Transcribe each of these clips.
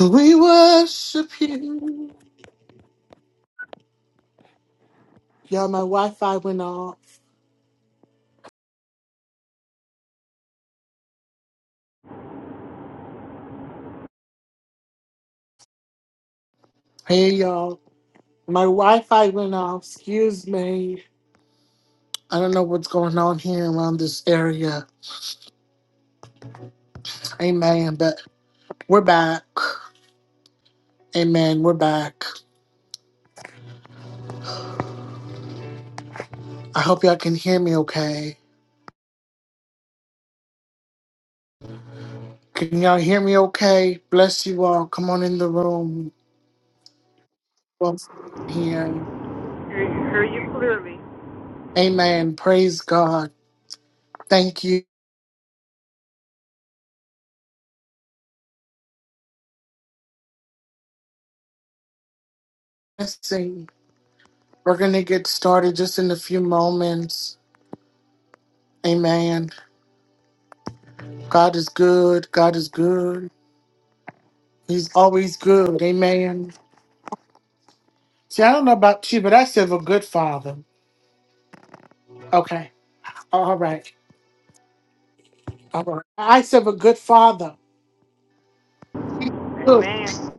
We worship you. Y'all, my Wi Fi went off. Hey, y'all. My Wi Fi went off. Excuse me. I don't know what's going on here around this area. Amen. But we're back. Amen. We're back. I hope y'all can hear me okay. Can y'all hear me okay? Bless you all. Come on in the room. Welcome here. Hear you, hear you clearly. Amen. Praise God. Thank you. Blessing. We're going to get started just in a few moments. Amen. God is good. God is good. He's always good. Amen. See, I don't know about you, but I serve a good father. Okay. All right. All right. I serve a good father. Good. Amen.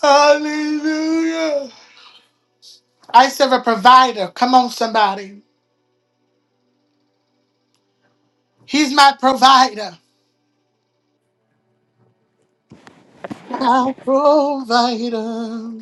Hallelujah. I serve a provider. Come on, somebody. He's my provider. My provider.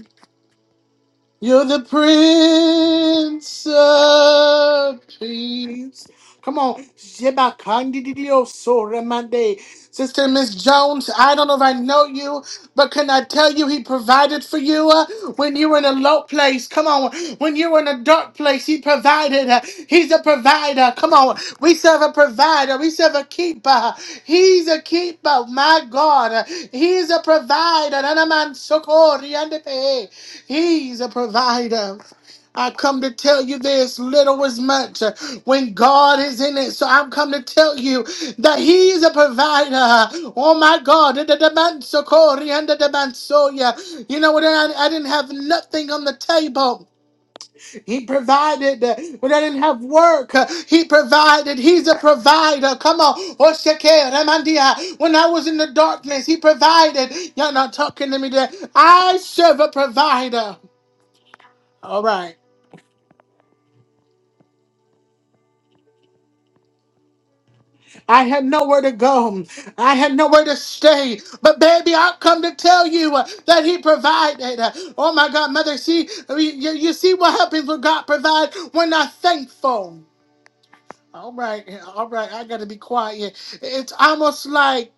You're the Prince of Peace. Come on, Shibakandidio Soramande. Sister Miss Jones, I don't know if I know you, but can I tell you he provided for you uh, when you were in a low place? Come on, when you were in a dark place, he provided. uh, he's a provider. Come on, we serve a provider. We serve a keeper. He's a keeper. My God, uh, he's a provider. Nanaman sokori andepe. He's a provider. I come to tell you this little is much uh, when God is in it. So I'm come to tell you that He's a provider. Oh my God. Da- da- da- so and da- da- man, so, yeah. You know what? I, I didn't have nothing on the table. He provided. uh, When I didn't have work, uh, He provided. He's a provider. Come on. Oh, Ramandia. When I was in the darkness, He provided. Y'all not talking to me today. I serve a provider. All right. I had nowhere to go. I had nowhere to stay. But baby, I've come to tell you uh, that he provided. Uh, Oh my God, mother, see, you, you you see what happens when God provides. We're not thankful. All right, all right, I gotta be quiet. It's almost like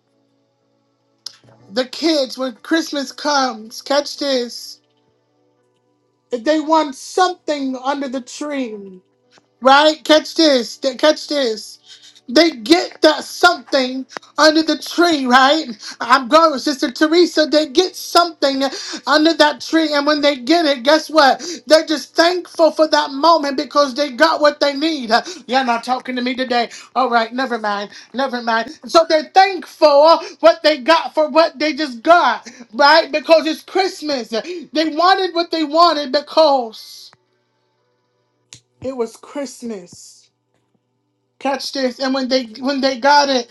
the kids when Christmas comes, catch this. They want something under the tree. right? Catch this, th- catch this. They get that something under the tree, right? I'm going with Sister Teresa. They get something under that tree, and when they get it, guess what? They're just thankful for that moment because they got what they need. You're not talking to me today. All right, never mind, never mind. So they're thankful what they got for what they just got, right? Because it's Christmas. They wanted what they wanted because it was Christmas. Catch this. And when they when they got it,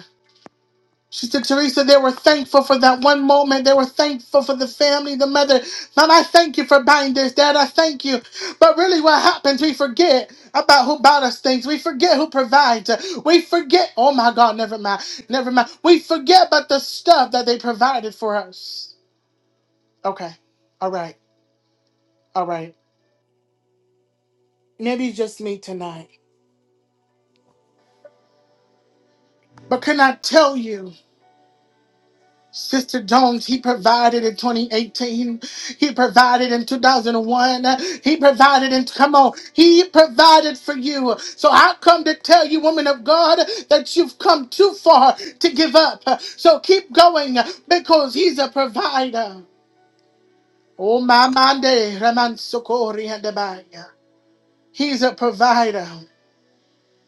she said, Teresa, they were thankful for that one moment. They were thankful for the family, the mother. Mom, I thank you for buying this, Dad. I thank you. But really, what happens, we forget about who bought us things. We forget who provides. We forget, oh my God, never mind. Never mind. We forget about the stuff that they provided for us. Okay. All right. All right. Maybe it's just me tonight. But can I tell you? Sister Jones, he provided in 2018. He provided in 2001. He provided in, come on, he provided for you. So I come to tell you, woman of God, that you've come too far to give up. So keep going because he's a provider. Oh, my mande, Raman Sokori and Abaya. He's a provider.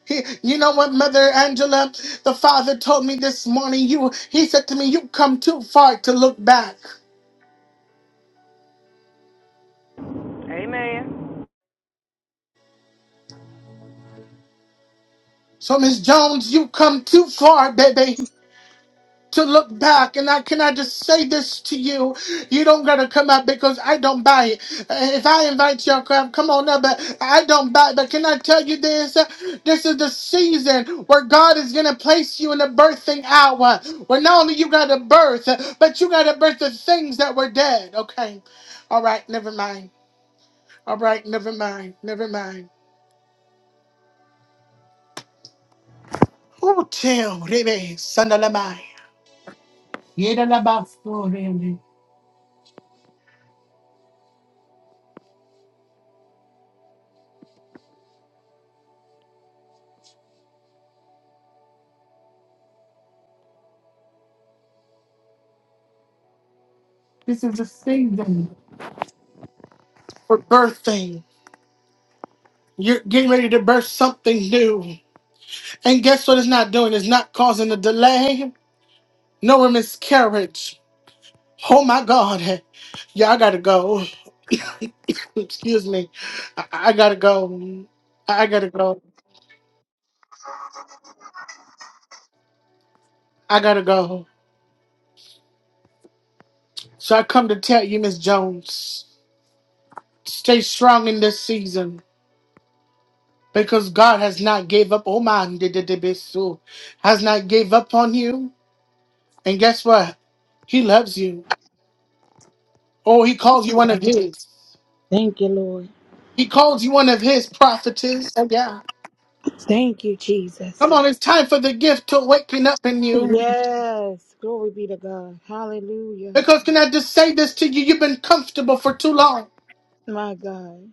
He, you know what, Mother Angela, the Father told me this morning. You, he said to me, "You come too far to look back." Amen. So, Miss Jones, you come too far, baby, to look back. And I can I just say this to you? You don't gotta come up because I don't buy it. Uh, If I invite your crap, come on up, but I don't buy it. But can I tell you this? This is the season where God is gonna place you in the birthing hour. Where not only you gotta birth, but you gotta birth the things that were dead. Okay. All right, never mind. All right, never mind. Never mind. Oh, chill, baby. Son of a mine. Yedalabasoreale. This is a season for birthing. You're getting ready to birth something new. And guess what it's not doing? It's not causing a delay, nor a miscarriage. Oh my God. Yeah, I gotta go. Excuse me. I, I gotta go. I gotta go. I gotta go. So I come to tell you, Miss Jones, stay strong in this season. because God has not gave up. Oh man, did did- did so has not gave up on you. And guess what? He loves you. Oh, he calls you one of his. Thank you, Lord. He calls you one of his prophetess. Oh yeah. Thank you, Come Jesus. on, it's time for the gift to waken up in you. Yes. Glory be to God. Hallelujah. Because can I just say this to you? You've been comfortable for too long. My God.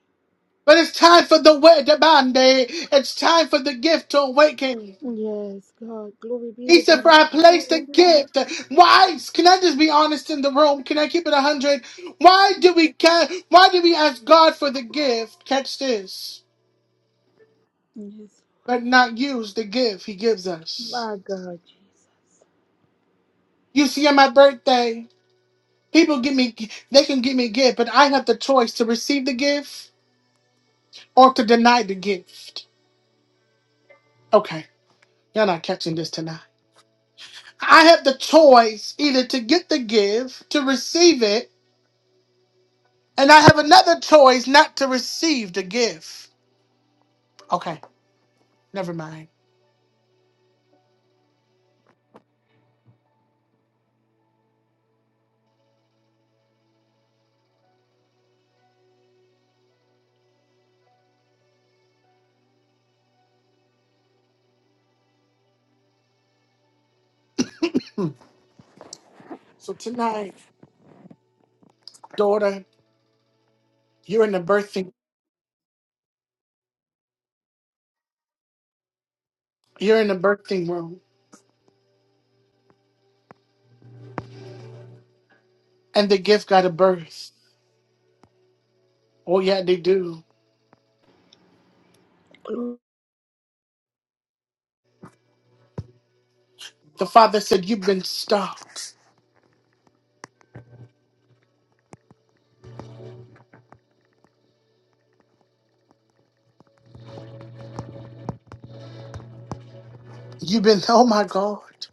But it's time for the word to bande. It's time for the gift to awaken. Yes, God. Glory be He to said, for God. I placed a gift. Why? Can I just be honest in the room? Can I keep it 100? Why do we ca- Why do we ask God for the gift? Catch this. Yes. But not use the gift he gives us. My God, Jesus. You see, on my birthday, people give me, they can give me a gift, but I have the choice to receive the gift or to deny the gift. Okay, you're not catching this tonight. I have the choice either to get the gift, to receive it, and I have another choice not to receive the gift. Okay, never mind. So tonight, daughter, you're in the birthing you're in the birthing room and the gift got a birth. Oh yeah, they do. Glory. The father said, You've been stuck. You've been oh my God.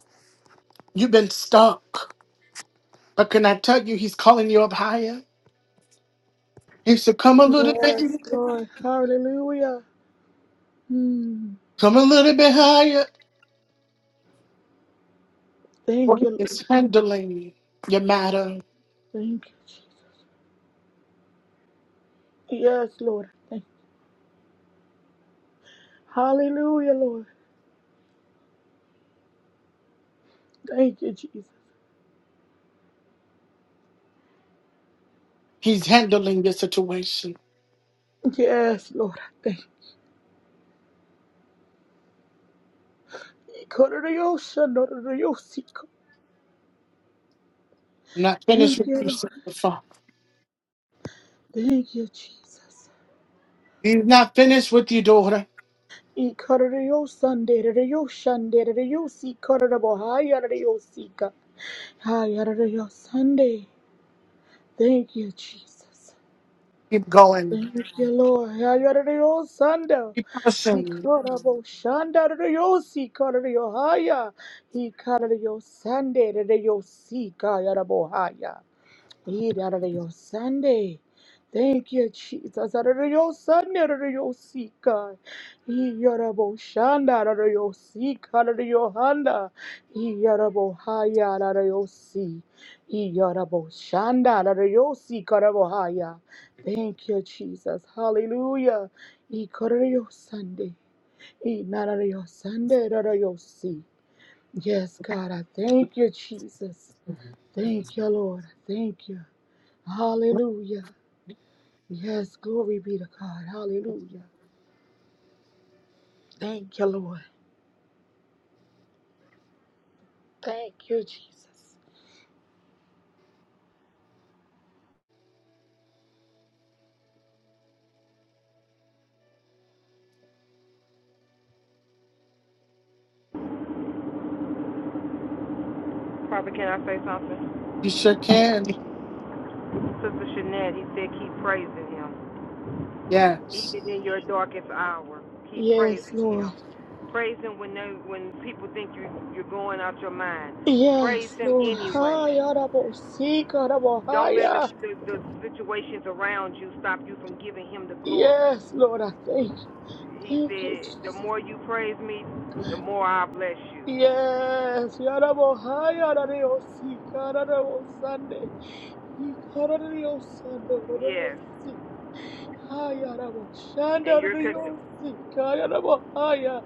You've been stuck. But can I tell you he's calling you up higher? He said, Come a little bit, Yes, Lord. Hallelujah. Mm. come a little bit higher. For Thank he you, is Lord. handling your matter. Thank you, Jesus. Yes, Lord. Thank Hallelujah, Lord. Thank you, Jesus. He's handling your situation. Yes, Lord. Thank you. I'm not finished Thank with you, you, said Lord. the father. Thank you, Jesus. He's not finished with you, daughter. Sunday. Thank you, Jesus. Keep going Thank you, Lord. Hayaradayo Sunday. You He Listen, called up Oshanda Yosi Kodayo Haya. He called yo Sunday Yo Sika Yarabohaya. He got it on Sunday. Thank you, Jesus. Out of your Sunday, out of your seek, God. He got a bo shanda out of your seek, out of your Honda. He got haya out of He got shanda out of your haya. Thank you, Jesus. Hallelujah. He got it on your Sunday. He not Sunday, out of Yes, God, I thank you, Jesus. Thank you, Lord. I Thank you. Hallelujah. Yes, glory be to God. Hallelujah. Thank you, Lord. Thank you, Jesus. Prophet, can I say something? you sure can. Sister Shanette, he said, keep praising him. Yes. Even in your darkest hour, keep Yes, praising him. Lord. Praise him when they, when people think you, you're going out your mind. Praise Yes, him Lord. anyway. Higher, double, seek, double, Don't let the, higher. the, the situations around you stop you from giving him the glory. Yes, Lord, I thank you. He Thank you, said, the Jesus. more you praise me, the more I bless you. Yes, Yarabo Haya Radio Sikarabo Sunday. Ikarabo Yes. Sunday. Haya rabo And shanda you're, con- rio si kaya rabo haya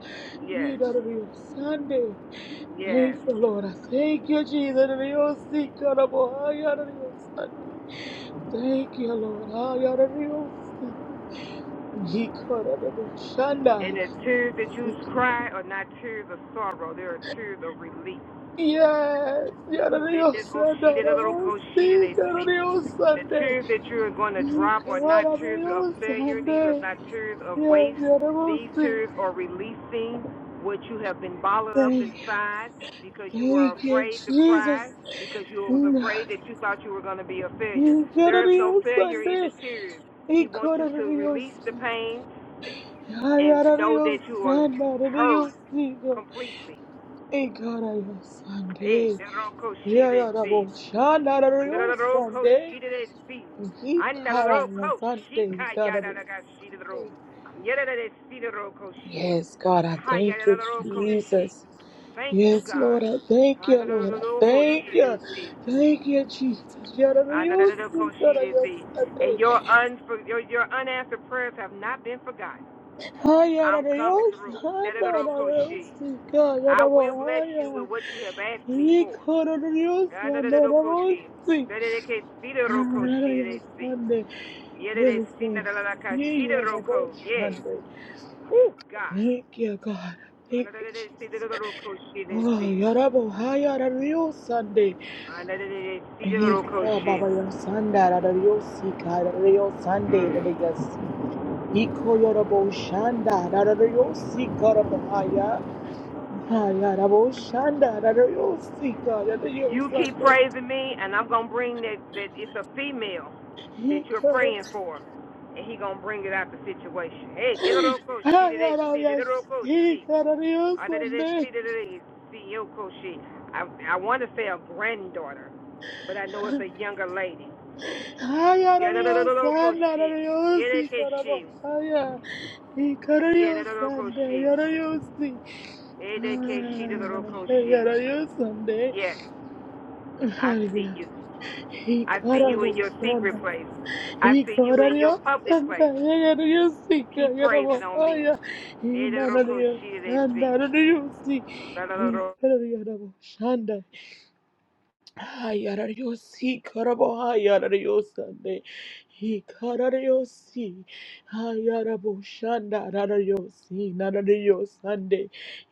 yes, ida rio Sunday. Thank yes. you, Lord. I thank you, Jesus. Rio si kara bo haya rio Sunday. Thank you, Lord. Haya rio si ni kara rabo shanda. And the tears that you cry are not tears of sorrow, they are tears of relief. Yes, yada Ooh, let rio this go she Sunday did a little rabo go she did si a kara sleep. rio The Sunday. tears that you are going to Ni drop are not kara tears of rio failure, these are Sunday. not tears of Yes, waste. yada rabo These si. tears are releasing what you have been bottled up Thank inside because you were Thank you, afraid to Jesus. cry, because you was afraid that you thought you were going to be a failure. There is no failure Yararıyorsan in the de tears. He wants you to release the kararıyorsan pain ya and know that you are yararıyorsan heard yararıyorsun completely. e kararıyorsan de Hey, Naroko Shiresi. Naroko Shiresi. Anaroko Shika Yadaraga Shidro. Yadare Sidaroko Shi. Yes, God, I thank you, Hayadaroko Shi. Jesus. Thank you, Yes, God. Lord, I thank you, Lord, I Anaroko thank you. Shiresi. Thank you, Jesus. Anaroko Yararıyorsun, Shiresi. yararıyorsan And de. your, un your, your unanswered prayers have not been forgotten. Haya na I'm coming Dios, through. anda na Naroko Dios, Shi. chica, ya I no will bless you haya. with what you have asked me for. Hijo de Dios, anda na vos, Yanadadadadokoshi. sí. Anda na Dios, Dadadakesidarokoshidadesi. ande. Yes, Lord. Sí, ya no vos, Yeah. ande. Whew, God. Thank you, God. Thank you, Jesus. Oh, ya no vos, haya na Dios, ande. Hijo, Baba, ya sanda na Dios, chica, ya no Dios, ande, ya Mm. no Dios, sí. Iko yorabo shanda, da da da yosi karabo Hayaraboshanda Rarayosika You keep Rarayosande praising me, and I'm gonna bring that. That it's a female that you're Hikara praying for, and he gonna bring it out the situation. Hey, get a roko she, did it, see, did a Hayarayas roko, she. Uh, Hikarayosande I, I want to say a granddaughter, but I know it's a younger lady. Yeah, da- da- Hayarayosanda Koshi. Yeah, da- Rarayosika Koshi. Rabohaya Yeah, da- da- Hikarayosande Koshi. Yarayosi Yeah, da- Koshi, da- da- Koshi. Hayarayosande Yeah, I see Haya you. I see you in your Hikaraboshanda secret place. I y see you in cororio your public santa place. yagariyo sika Keep yarabo praising on me. aya y Yeah, da- da- nanario Koshi, da- santa see. yagariyo si Da- da- y cororio yarabo Hayarariosi, karabo hayarariosi, he karariosi, hayarabo shanda rarariosi, narariosande,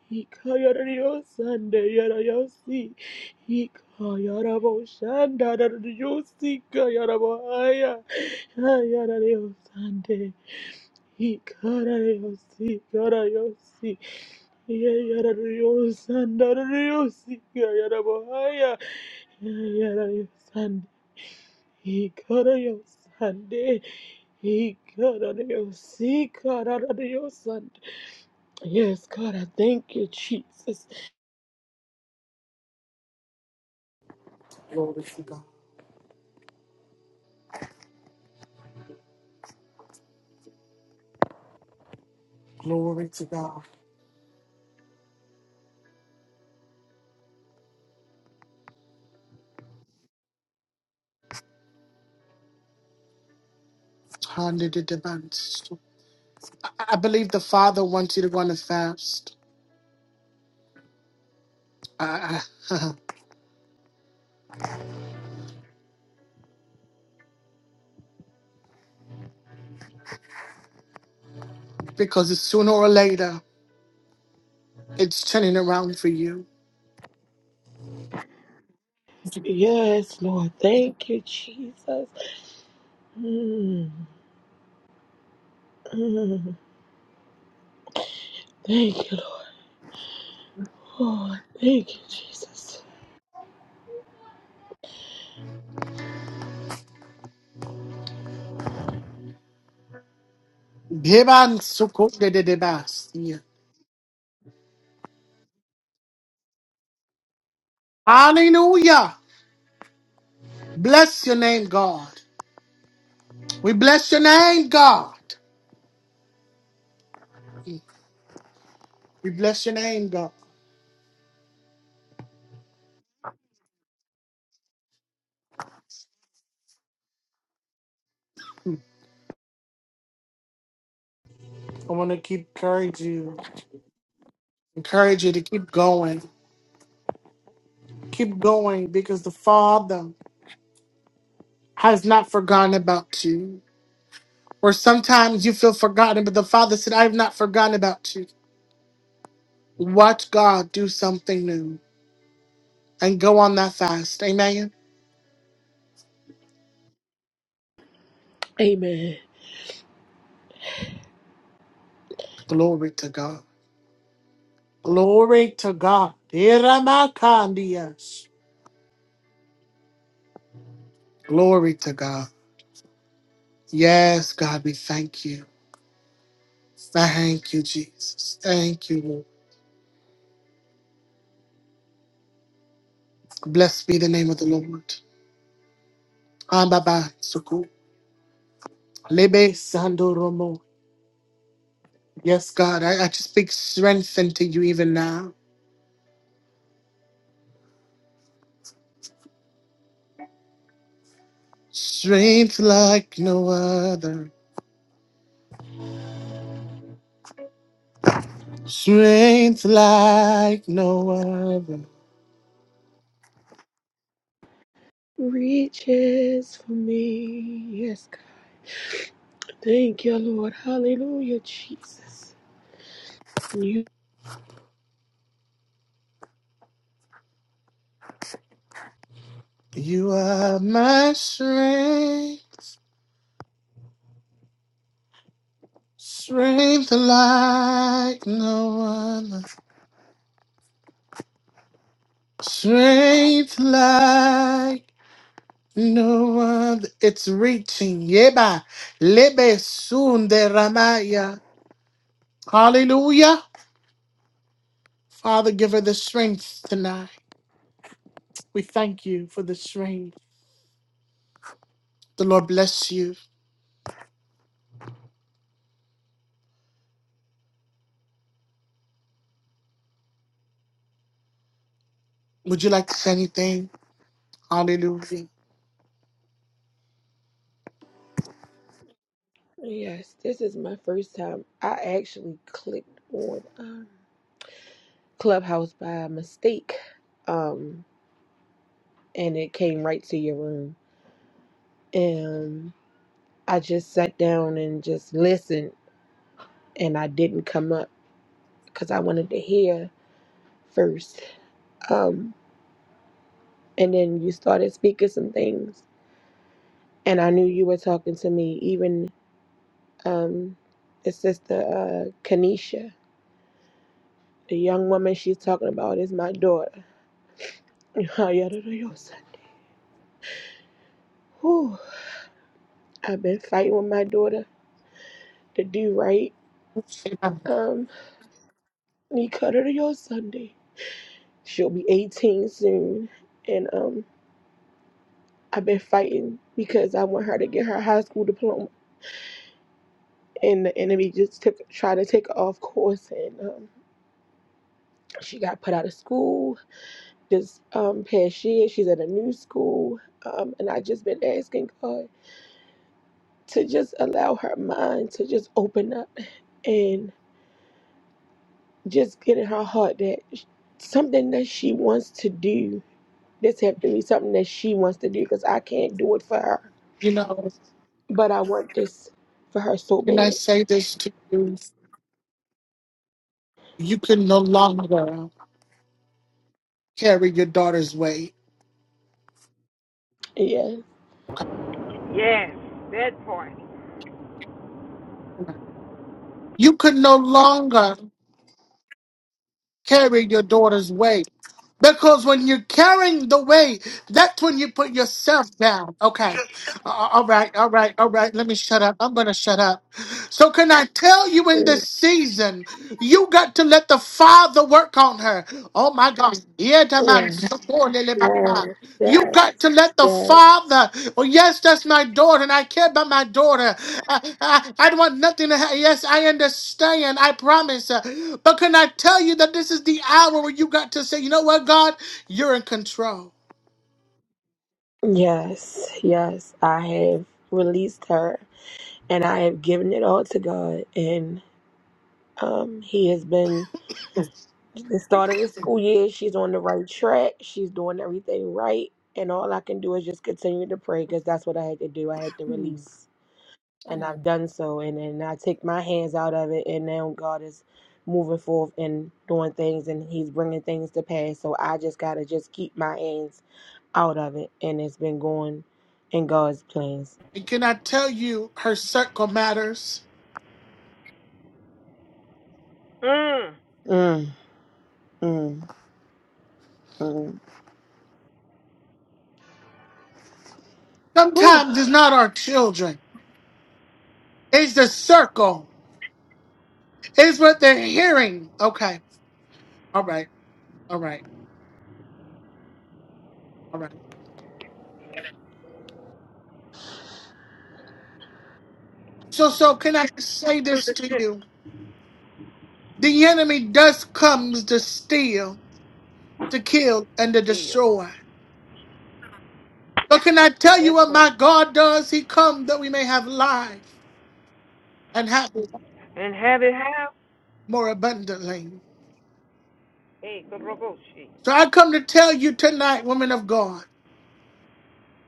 he kayarariosande, yarariosi, he kayarabo shanda rarariosi, kayarabo haya, hayarariosande, he karariosi, karariosi. Yayarariyosandarayosikayarabahaya. Yayarariyosandi- Ikarayosande. Ikarariyosikararariyosande. Yes, God, I thank you, Jesus. Glory to God. Glory to God. Hallelujah. I I believe the Father wants you to run a fast I- I- because it's sooner or later it's turning around for you. Yes, Lord, thank you, Jesus. Mm, mm. Thank you, Lord. Thank you, Jesus. Hallelujah. Bless your name, God. We bless your name, God. We bless your name, God. I want to keep encourage you, encourage you to keep going. Keep going because the Father has not forgotten about you. Or sometimes you feel forgotten, but the Father said, I have not forgotten about you. Watch God do something new and go on that fast. Amen. Amen. Glory to God. Glory to God. Iramakandias. Glory to God. Yes, God, we thank you. Thank you, Jesus. Thank you, Lord. Blessed be the name of the Lord. Ambaba, Suku. Lebe Sandoromo. Yes, God, I, I just speak strength into you even now. Strength like no other. Strength like no other. Reaches for me. Yes, God. Thank you, Lord. Hallelujah, Jesus. You, You are my strength. Strength like no other. Strength like no other. It's reaching. Yeba. Lebe soon de Ramaya. Hallelujah. Father, give her the strength tonight. We thank you for the strength. The Lord bless you. Would you like to say anything? Hallelujah. yes, this is my first time. I actually clicked on um, Clubhouse by mistake, um, and it came right to your room. And I just sat down and just listened, and I didn't come up because I wanted to hear first. Um, and then you started speaking some things, and I knew you were talking to me, even um, the sister uh, Kanisha. The young woman she's talking about is my daughter. Whew. I've been fighting with my daughter to do right. Amen. Um, we cut her to your Sunday. She'll be 18 soon. And um, I've been fighting because I want her to get her high school diploma. And the enemy just took tried to take her off course. And um, she got put out of school this um, past year. She's at a new school. Um, and i just been asking God to just allow her mind to just open up and just get in her heart that sh- something that she wants to do. This have to be something that she wants to do because I can't do it for her. You know, But I want this for her so can I bad. say this to you? You can no longer carry your daughter's weight. Yeah. Okay. Yes, that part. You can no longer carry your daughter's weight. Because when you're carrying the weight, that's when you put yourself down. Okay. A- All right. All right. All right. Let me shut up. I'm going to shut up. So, can I tell you in Mm. this season, you got to let the Father work on her. Oh, my God. Yeah, the Yeah. man. Yeah. You Yeah. got to let the Yeah. father. Oh, yes, that's my daughter, and I care about my daughter. I, I, I don't want nothing to happen. Yes, I understand. I promise. Uh, But can I tell you that this is the hour where you got to say, you know what, God, you're in control. Yes. Yes. I have released her and I have given it all to God and um he has been The start of the school year, she's on the right track. She's doing everything right. And all I can do is just continue to pray because that's what I had to do. I had to release. And I've done so. And then I take my hands out of it. And now God is moving forth and doing things and He's bringing things to pass. So I just got to just keep my hands out of it. And it's been going in God's plans. And can I tell you, her circle matters. Mm. Mm, mm, mm. Whew. Sometimes it's not our children, it's the circle, it's what they're hearing. Okay, all right, all right, all right. So, so can I say this Super to shit. you? The enemy does comes to steal, to kill, and to Deal. destroy. But can I tell you Bed what for my it, God does? He comes that we may have life and have it And have it how? more abundantly. Hey, good Goroboshi. So I come to tell you tonight, women of God,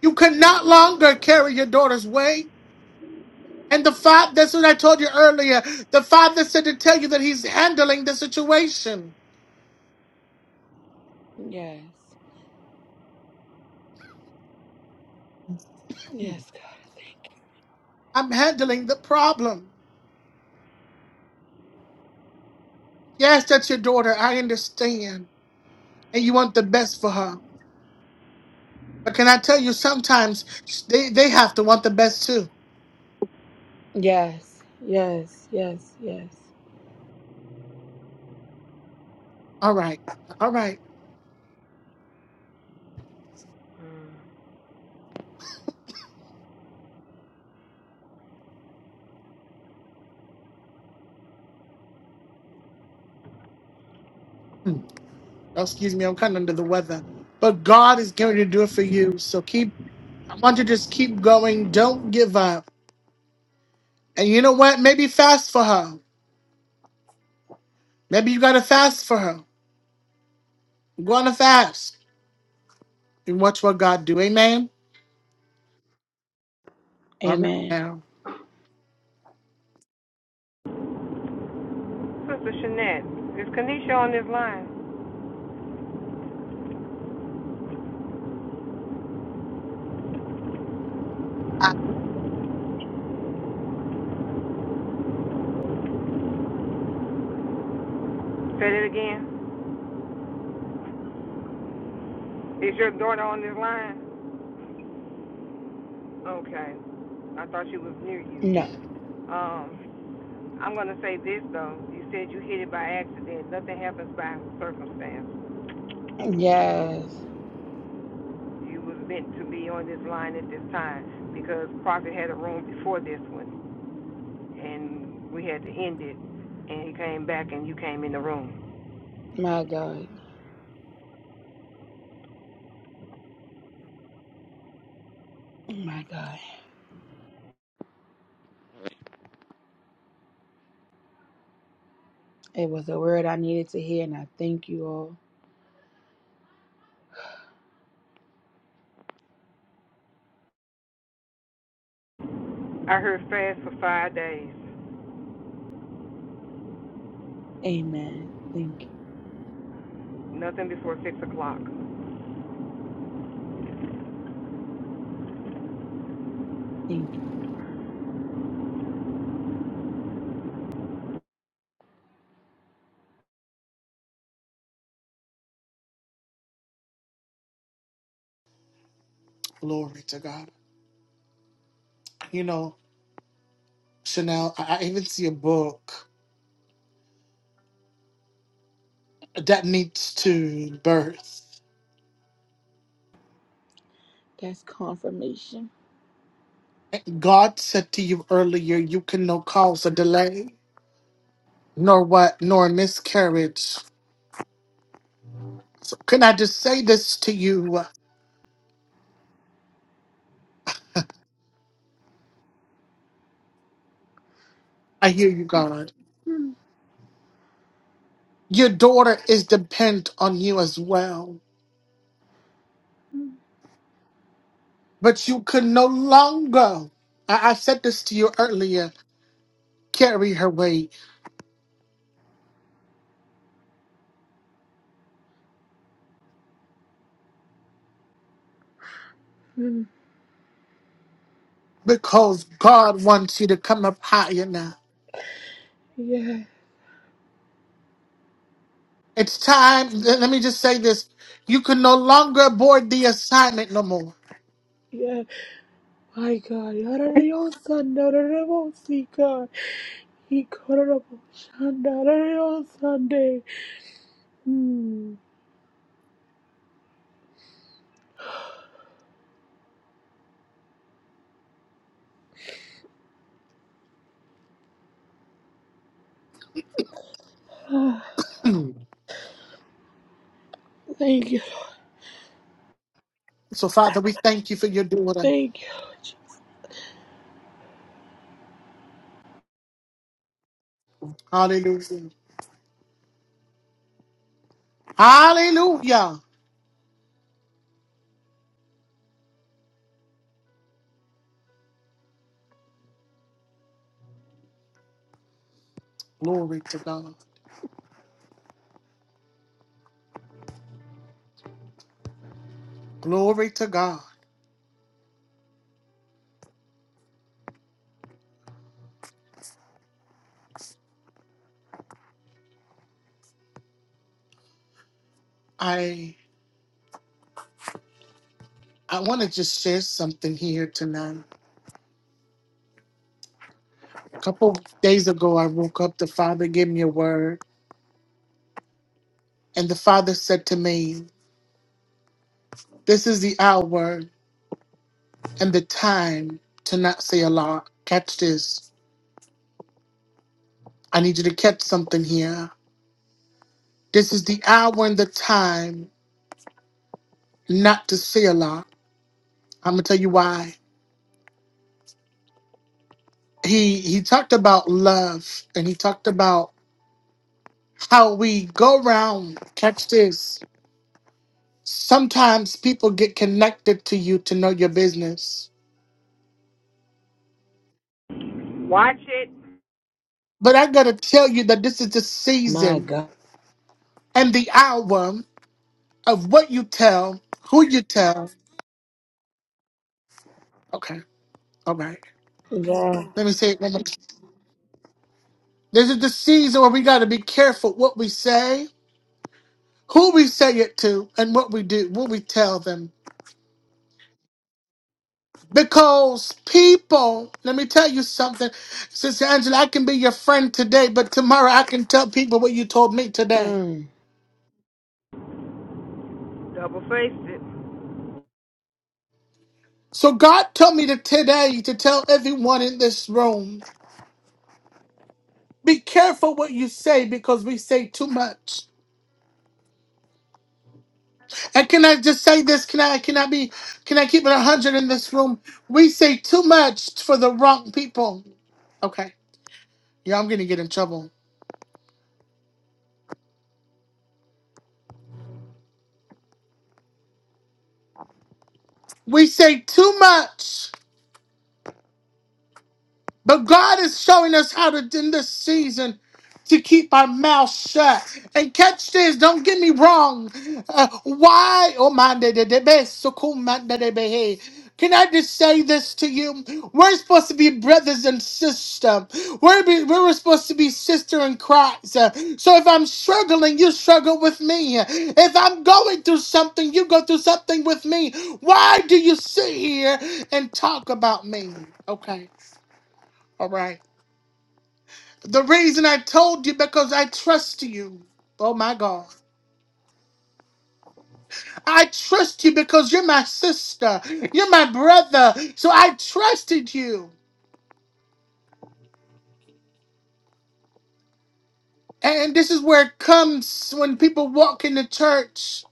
you can not longer carry your daughter's weight. And the father, that's what I told you earlier. The father said to tell you that he's handling the situation. Yes. Yes, God, I thank I'm handling the problem. Yes, that's your daughter. I understand. And you want the best for her. But can I tell you, sometimes they, they have to want the best too. you. Yes, yes, yes, yes. All right. All right. Hmm. Oh, excuse me, I'm kind of under the weather. But God is going to do it for you. So keep, I want you to just keep going. Don't give up. And you know what? Maybe fast for her. Maybe you got to fast for her. Go on a fast and watch what God do. Amen. All right Amen. now. Sister Shanette, is Kanisha on this line? Say it again. Is your daughter on this line? Okay. I thought she was near No. you. Um, I'm gonna say this though. You said you hit it by accident. Nothing happens by circumstance. Yes. You was meant to be on this line at this time because Prophet had a room before this one and we had to end it and he came back and you came in the room. My God. My God. It was a word I needed to hear, and I thank you all. I heard fast for five days. Amen. Thank you. Nothing before six o'clock. Thank you. Glory to God. You know, Chanel, I I even see a book that needs to birth. That's confirmation. God said to you earlier, you can no cause a delay, nor what, nor a miscarriage. So can I just say this to you? I hear you, God. Mm, Your daughter is dependent on you as well, mm, but you can no longer. I, I said this to you earlier. Carry her weight mm. because God wants you to come up higher now. Yeah. It's time. Let let me just say this: you can no longer board the assignment no more. Yeah. My God. Yarariosa, nararavosi, God. Ikororoboshandarareo, Sunday. Mm. Ah, Thank you. So, Father, we thank you for your daughter. Thank you. Hallelujah. Hallelujah. Glory to God. Glory to God. I I want to just share something here tonight. A couple days ago I woke up, the Father gave me a word, and the Father said to me, This is the hour and the time to not say a lot. Catch this. I need you to catch something here. This is the hour and the time not to say a lot. I'm gonna tell you why. He he talked about love and he talked about how we go around. Catch this. Sometimes people get connected to you to know your business. Watch it. But I gotta tell you that this is the My season God. and the hour of what you tell, who you tell. Okay, all right. Yeah. Let me say it one more time. This is the season where we gotta be careful what we say, who we say it to, and what we do, what we tell them. Because people, let me tell you something, Sister Angela, I can be your friend today, but tomorrow I can tell people what you told me today. Double faced it. So God told me to today to tell everyone in this room, be careful what you say because we say too much. And can I just say this? Can I can I be can I keep it a hundred in this room? We say too much for the wrong people. Okay. Yeah, I'm gonna get in trouble. We say too much But God is showing us how to in this season to keep our mouth shut. And catch this, don't get me wrong. Uh, why? Oh my de- de- de- be- so cool, my de- de- be- hey. can I just say this to you? We're supposed to be brothers and sisters. We're, be, we're supposed to be sister in Christ. Uh, So if I'm struggling, you struggle with me. If I'm going through something, you go through something with me. Why do you sit here and talk about me? Okay. All right. The reason I told you because I trust you. Oh my God. I trust you because you're my sister. You're my brother. So I trusted you. And this is where it comes when people walk in the church.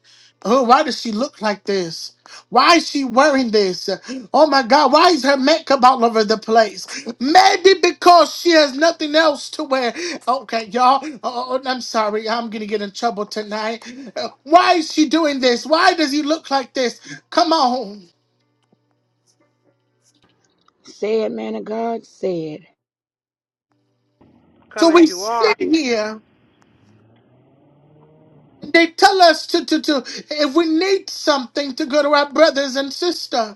Oh, why does she look like this? Why is she wearing this? Oh my God, why is her makeup all over the place? Maybe because she has nothing else to wear. Okay, y'all. Oh, oh, oh, I'm sorry. I'm going to get in trouble tonight. Uh, Why is she doing this? Why does he look like this? Come on. Say it, man of God. Say it. So Come as we you are. sit here and they tell us to, to, to if we need something to go to our brothers and sisters.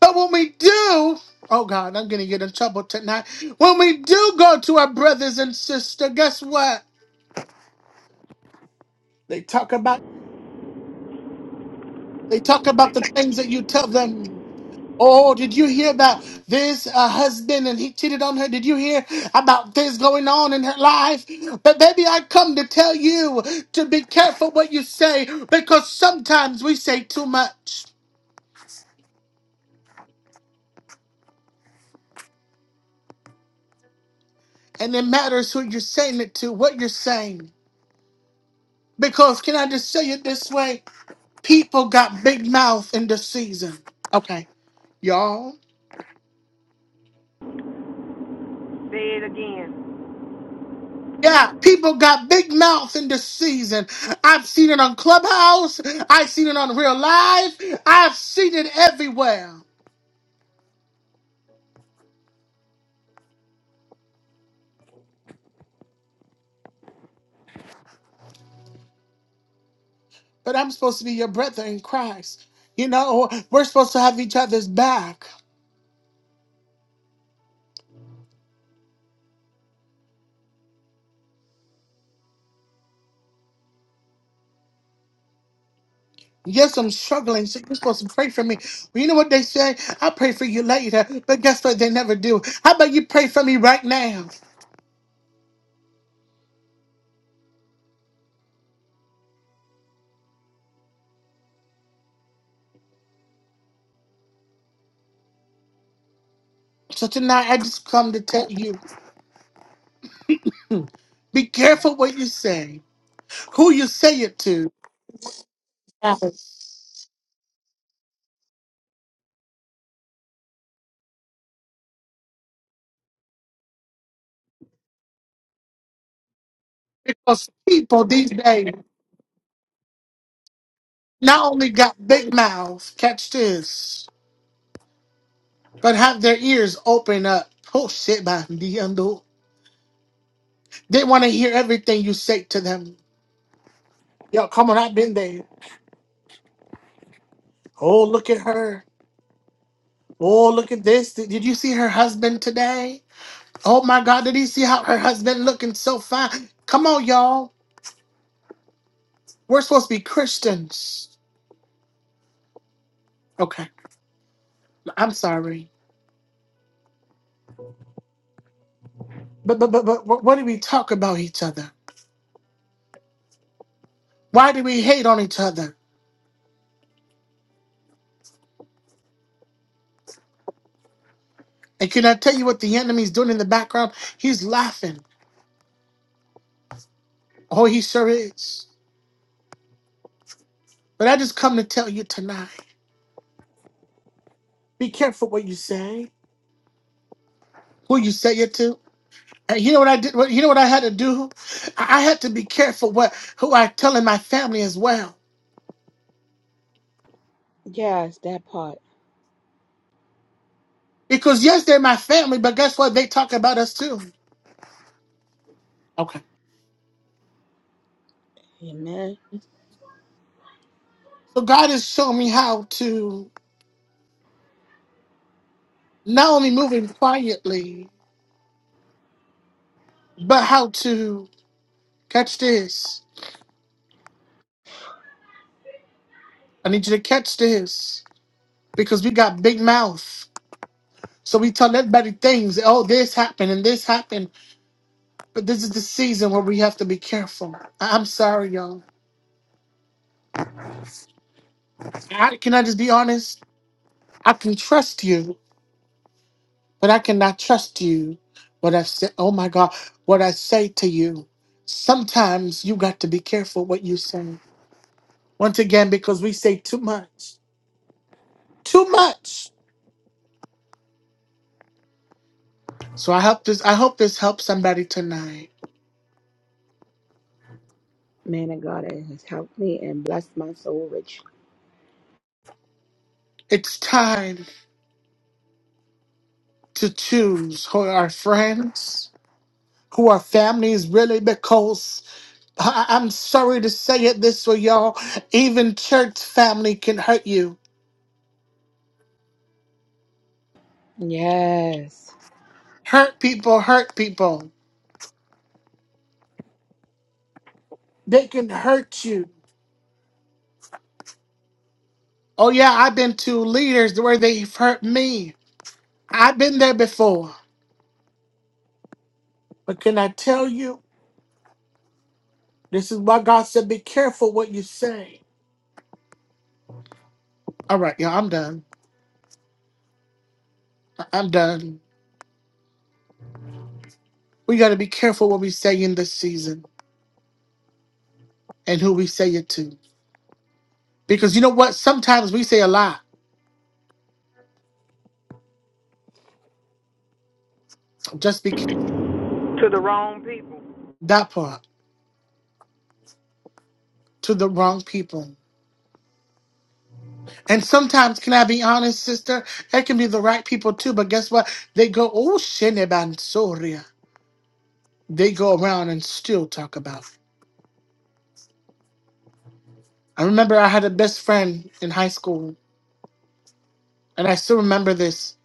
But when we do, oh God, I'm gonna get in trouble tonight. When we do go to our brothers and sisters, guess what? They talk about they talk about the things that you tell them. Oh, did you hear about this uh, husband and he cheated on her? Did you hear about this going on in her life? But baby, I come to tell you to be careful what you say because sometimes we say too much, and it matters who you're saying it to, what you're saying. Because can I just say it this way? People got big mouth in this season. Okay, y'all. Say it again Yeah, people got big mouth in this season. I've seen it on Clubhouse. I've seen it on Real Life. I've seen it everywhere. But I'm supposed to be your brother in Christ. You know, we're supposed to have each other's back. Yes, I'm struggling. So you're supposed to pray for me. Well, you know what they say? I'll pray for you later. But guess what? They never do. How about you pray for me right now? So tonight, I just come to tell you be careful what you say. who you say it to matters. Because people these days not only got big mouths, catch this, but have their ears open up. Oh shit, by the end. They want to hear everything you say to them. Yo, come on, I've been there. Oh, look at her. Oh, look at this. Did, did you see her husband today? Oh my God, did you see how her husband looking so fine? Come on, y'all. We're supposed to be Christians. Okay, I'm sorry. But but but but what what do we talk about each other? Why do we hate on each other? And can I tell you what the enemy's doing in the background? He's laughing. Oh, he sure is. But I just come to tell you tonight. Be careful what you say, who you say it to. And you know what I did? What, you know what I had to do? I I had to be careful what who I tell in my family as well. Yes, that part. Because yes, they're my family, but guess what? They talk about us too. Okay. Amen. So God has shown me how to not only move in quietly, but how to catch this. I need you to catch this because we got big mouth. So we tell everybody things. Oh, this happened and this happened. But this is the season where we have to be careful. I- I'm sorry, y'all. I, can I just be honest? I can trust you, but I cannot trust you. What I say, oh my God, what I say to you. Sometimes you got to be careful what you say. Once again, because we say too much, too much. So I hope this. I hope this helps somebody tonight. Man of God it has helped me and blessed my soul richly. It's time to choose who are our friends who are families really because I- I'm sorry to say it this way, y'all. Even church family can hurt you. Yes. Hurt people, hurt people. They can hurt you. Oh, yeah, I've been to leaders where they've hurt me. I've been there before. But can I tell you? This is why God said, be careful what you say. All right, y'all, I'm done. I- I'm done. We got to be careful what we say in this season and who we say it to. Because you know what? Sometimes we say a lot. Just be careful to the wrong people. that part to the wrong people. And sometimes, can I be honest, sister? It can be the right people too, but guess what? They go, oh, Sheneban Soria. They go around and still talk about it. I remember I had a best friend in high school, and I still remember this.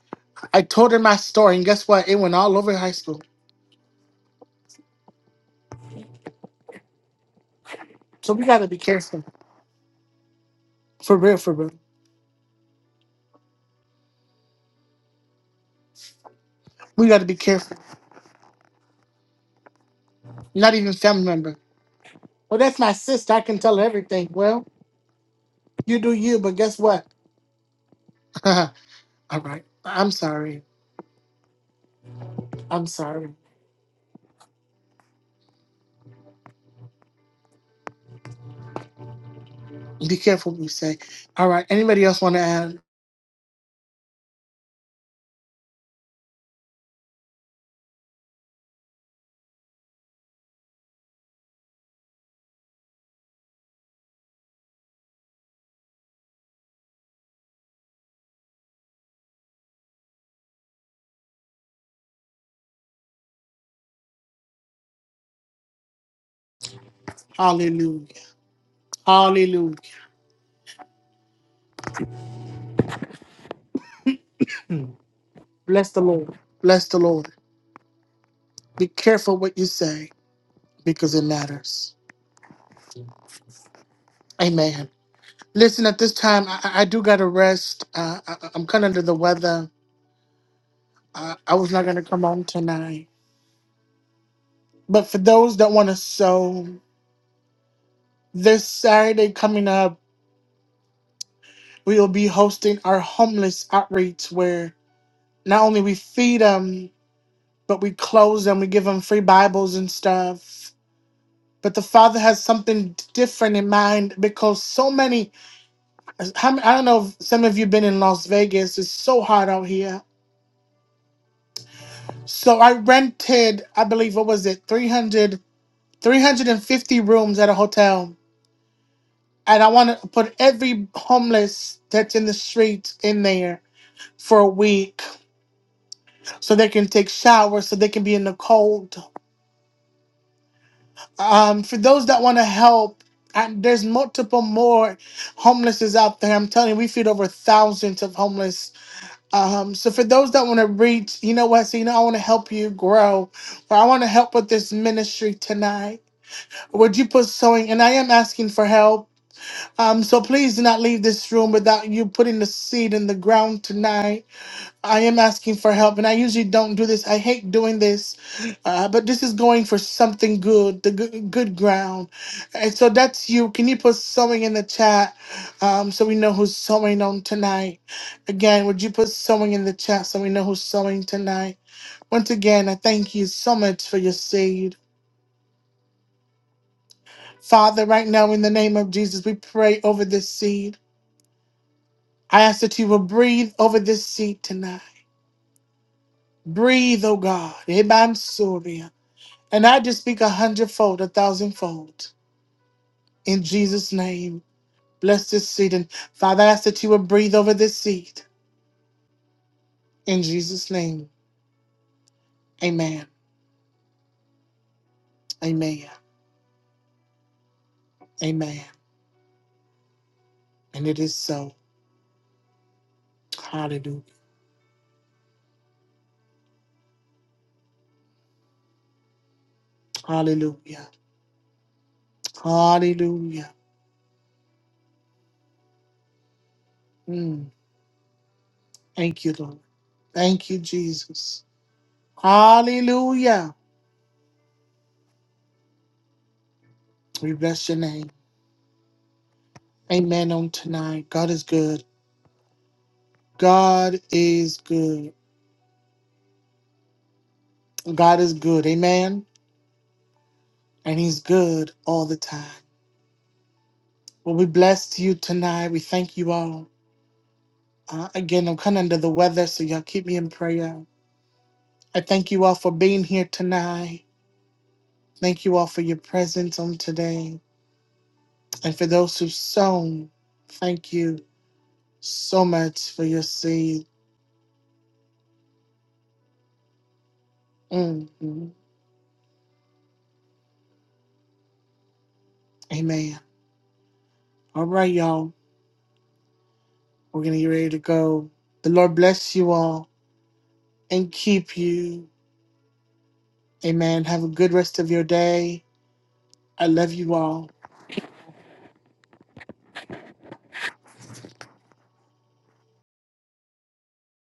I told her my story, and guess what? It went all over high school. So we gotta be careful. For real, for real. We gotta be careful. Not even family member. Well, that's my sister. I can tell her everything. Well, you do you, but guess what? all right. I'm sorry. I'm sorry. Be careful what you say. All right. Anybody else want to add? Hallelujah. Hallelujah. Bless the Lord. Bless the Lord. Be careful what you say because it matters. Amen. Listen, at this time, I, I I do got to rest. Uh, I, I- I'm kind of under the weather. Uh, I was not going to come on tonight. But for those that want to sow, this Saturday coming up, we will be hosting our homeless outreach where not only we feed them, but we close them, we give them free Bibles and stuff. But the Father has something different in mind because so many, how many- I don't know if some of you been in Las Vegas, it's so hot out here. So I rented, I believe, what was it, 300, 350 rooms at a hotel. And I want to put every homeless that's in the streets in there for a week so they can take showers, so they can be in the cold. um, for those that want to help, and there's multiple more homelesses out there. I'm telling you, we feed over thousands of homeless. Um, so for those that want to reach, you know what? So you know, I want to help you grow, or I want to help with this ministry tonight. Would you put sowing? And I am asking for help. Um, so please do not leave this room without you putting the seed in the ground tonight. I am asking for help, and I usually don't do this. I hate doing this, uh, but this is going for something good, the good, good ground. And so that's you. Can you put sewing in the chat um, so we know who's sewing on tonight? Again, would you put sewing in the chat so we know who's sewing tonight? Once again, I thank you so much for your seed. Father, right now, in the name of Jesus, we pray over this seed. I ask that you will breathe over this seed tonight. Breathe, oh God. Ebansoria. And I just speak a hundredfold, a thousandfold. In Jesus' name, bless this seed. And Father, I ask that you would breathe over this seed. In Jesus' name, amen. Amen. Amen. And it is so. Hallelujah. Hallelujah. Hallelujah. Mm. Thank you, Lord. Thank you, Jesus. Hallelujah. We bless your name. Amen on tonight. God is good. God is good. God is good. Amen. And he's good all the time. Well, we bless you tonight. We thank you all. Uh, again, I'm kind of under the weather, so y'all keep me in prayer. I thank you all for being here tonight. Thank you all for your presence on today. And for those who've sown, thank you so much for your seed. Mhm. Amen. All right, y'all. We're going to get ready to go. The Lord bless you all and keep you. Amen. Have a good rest of your day. I love you all.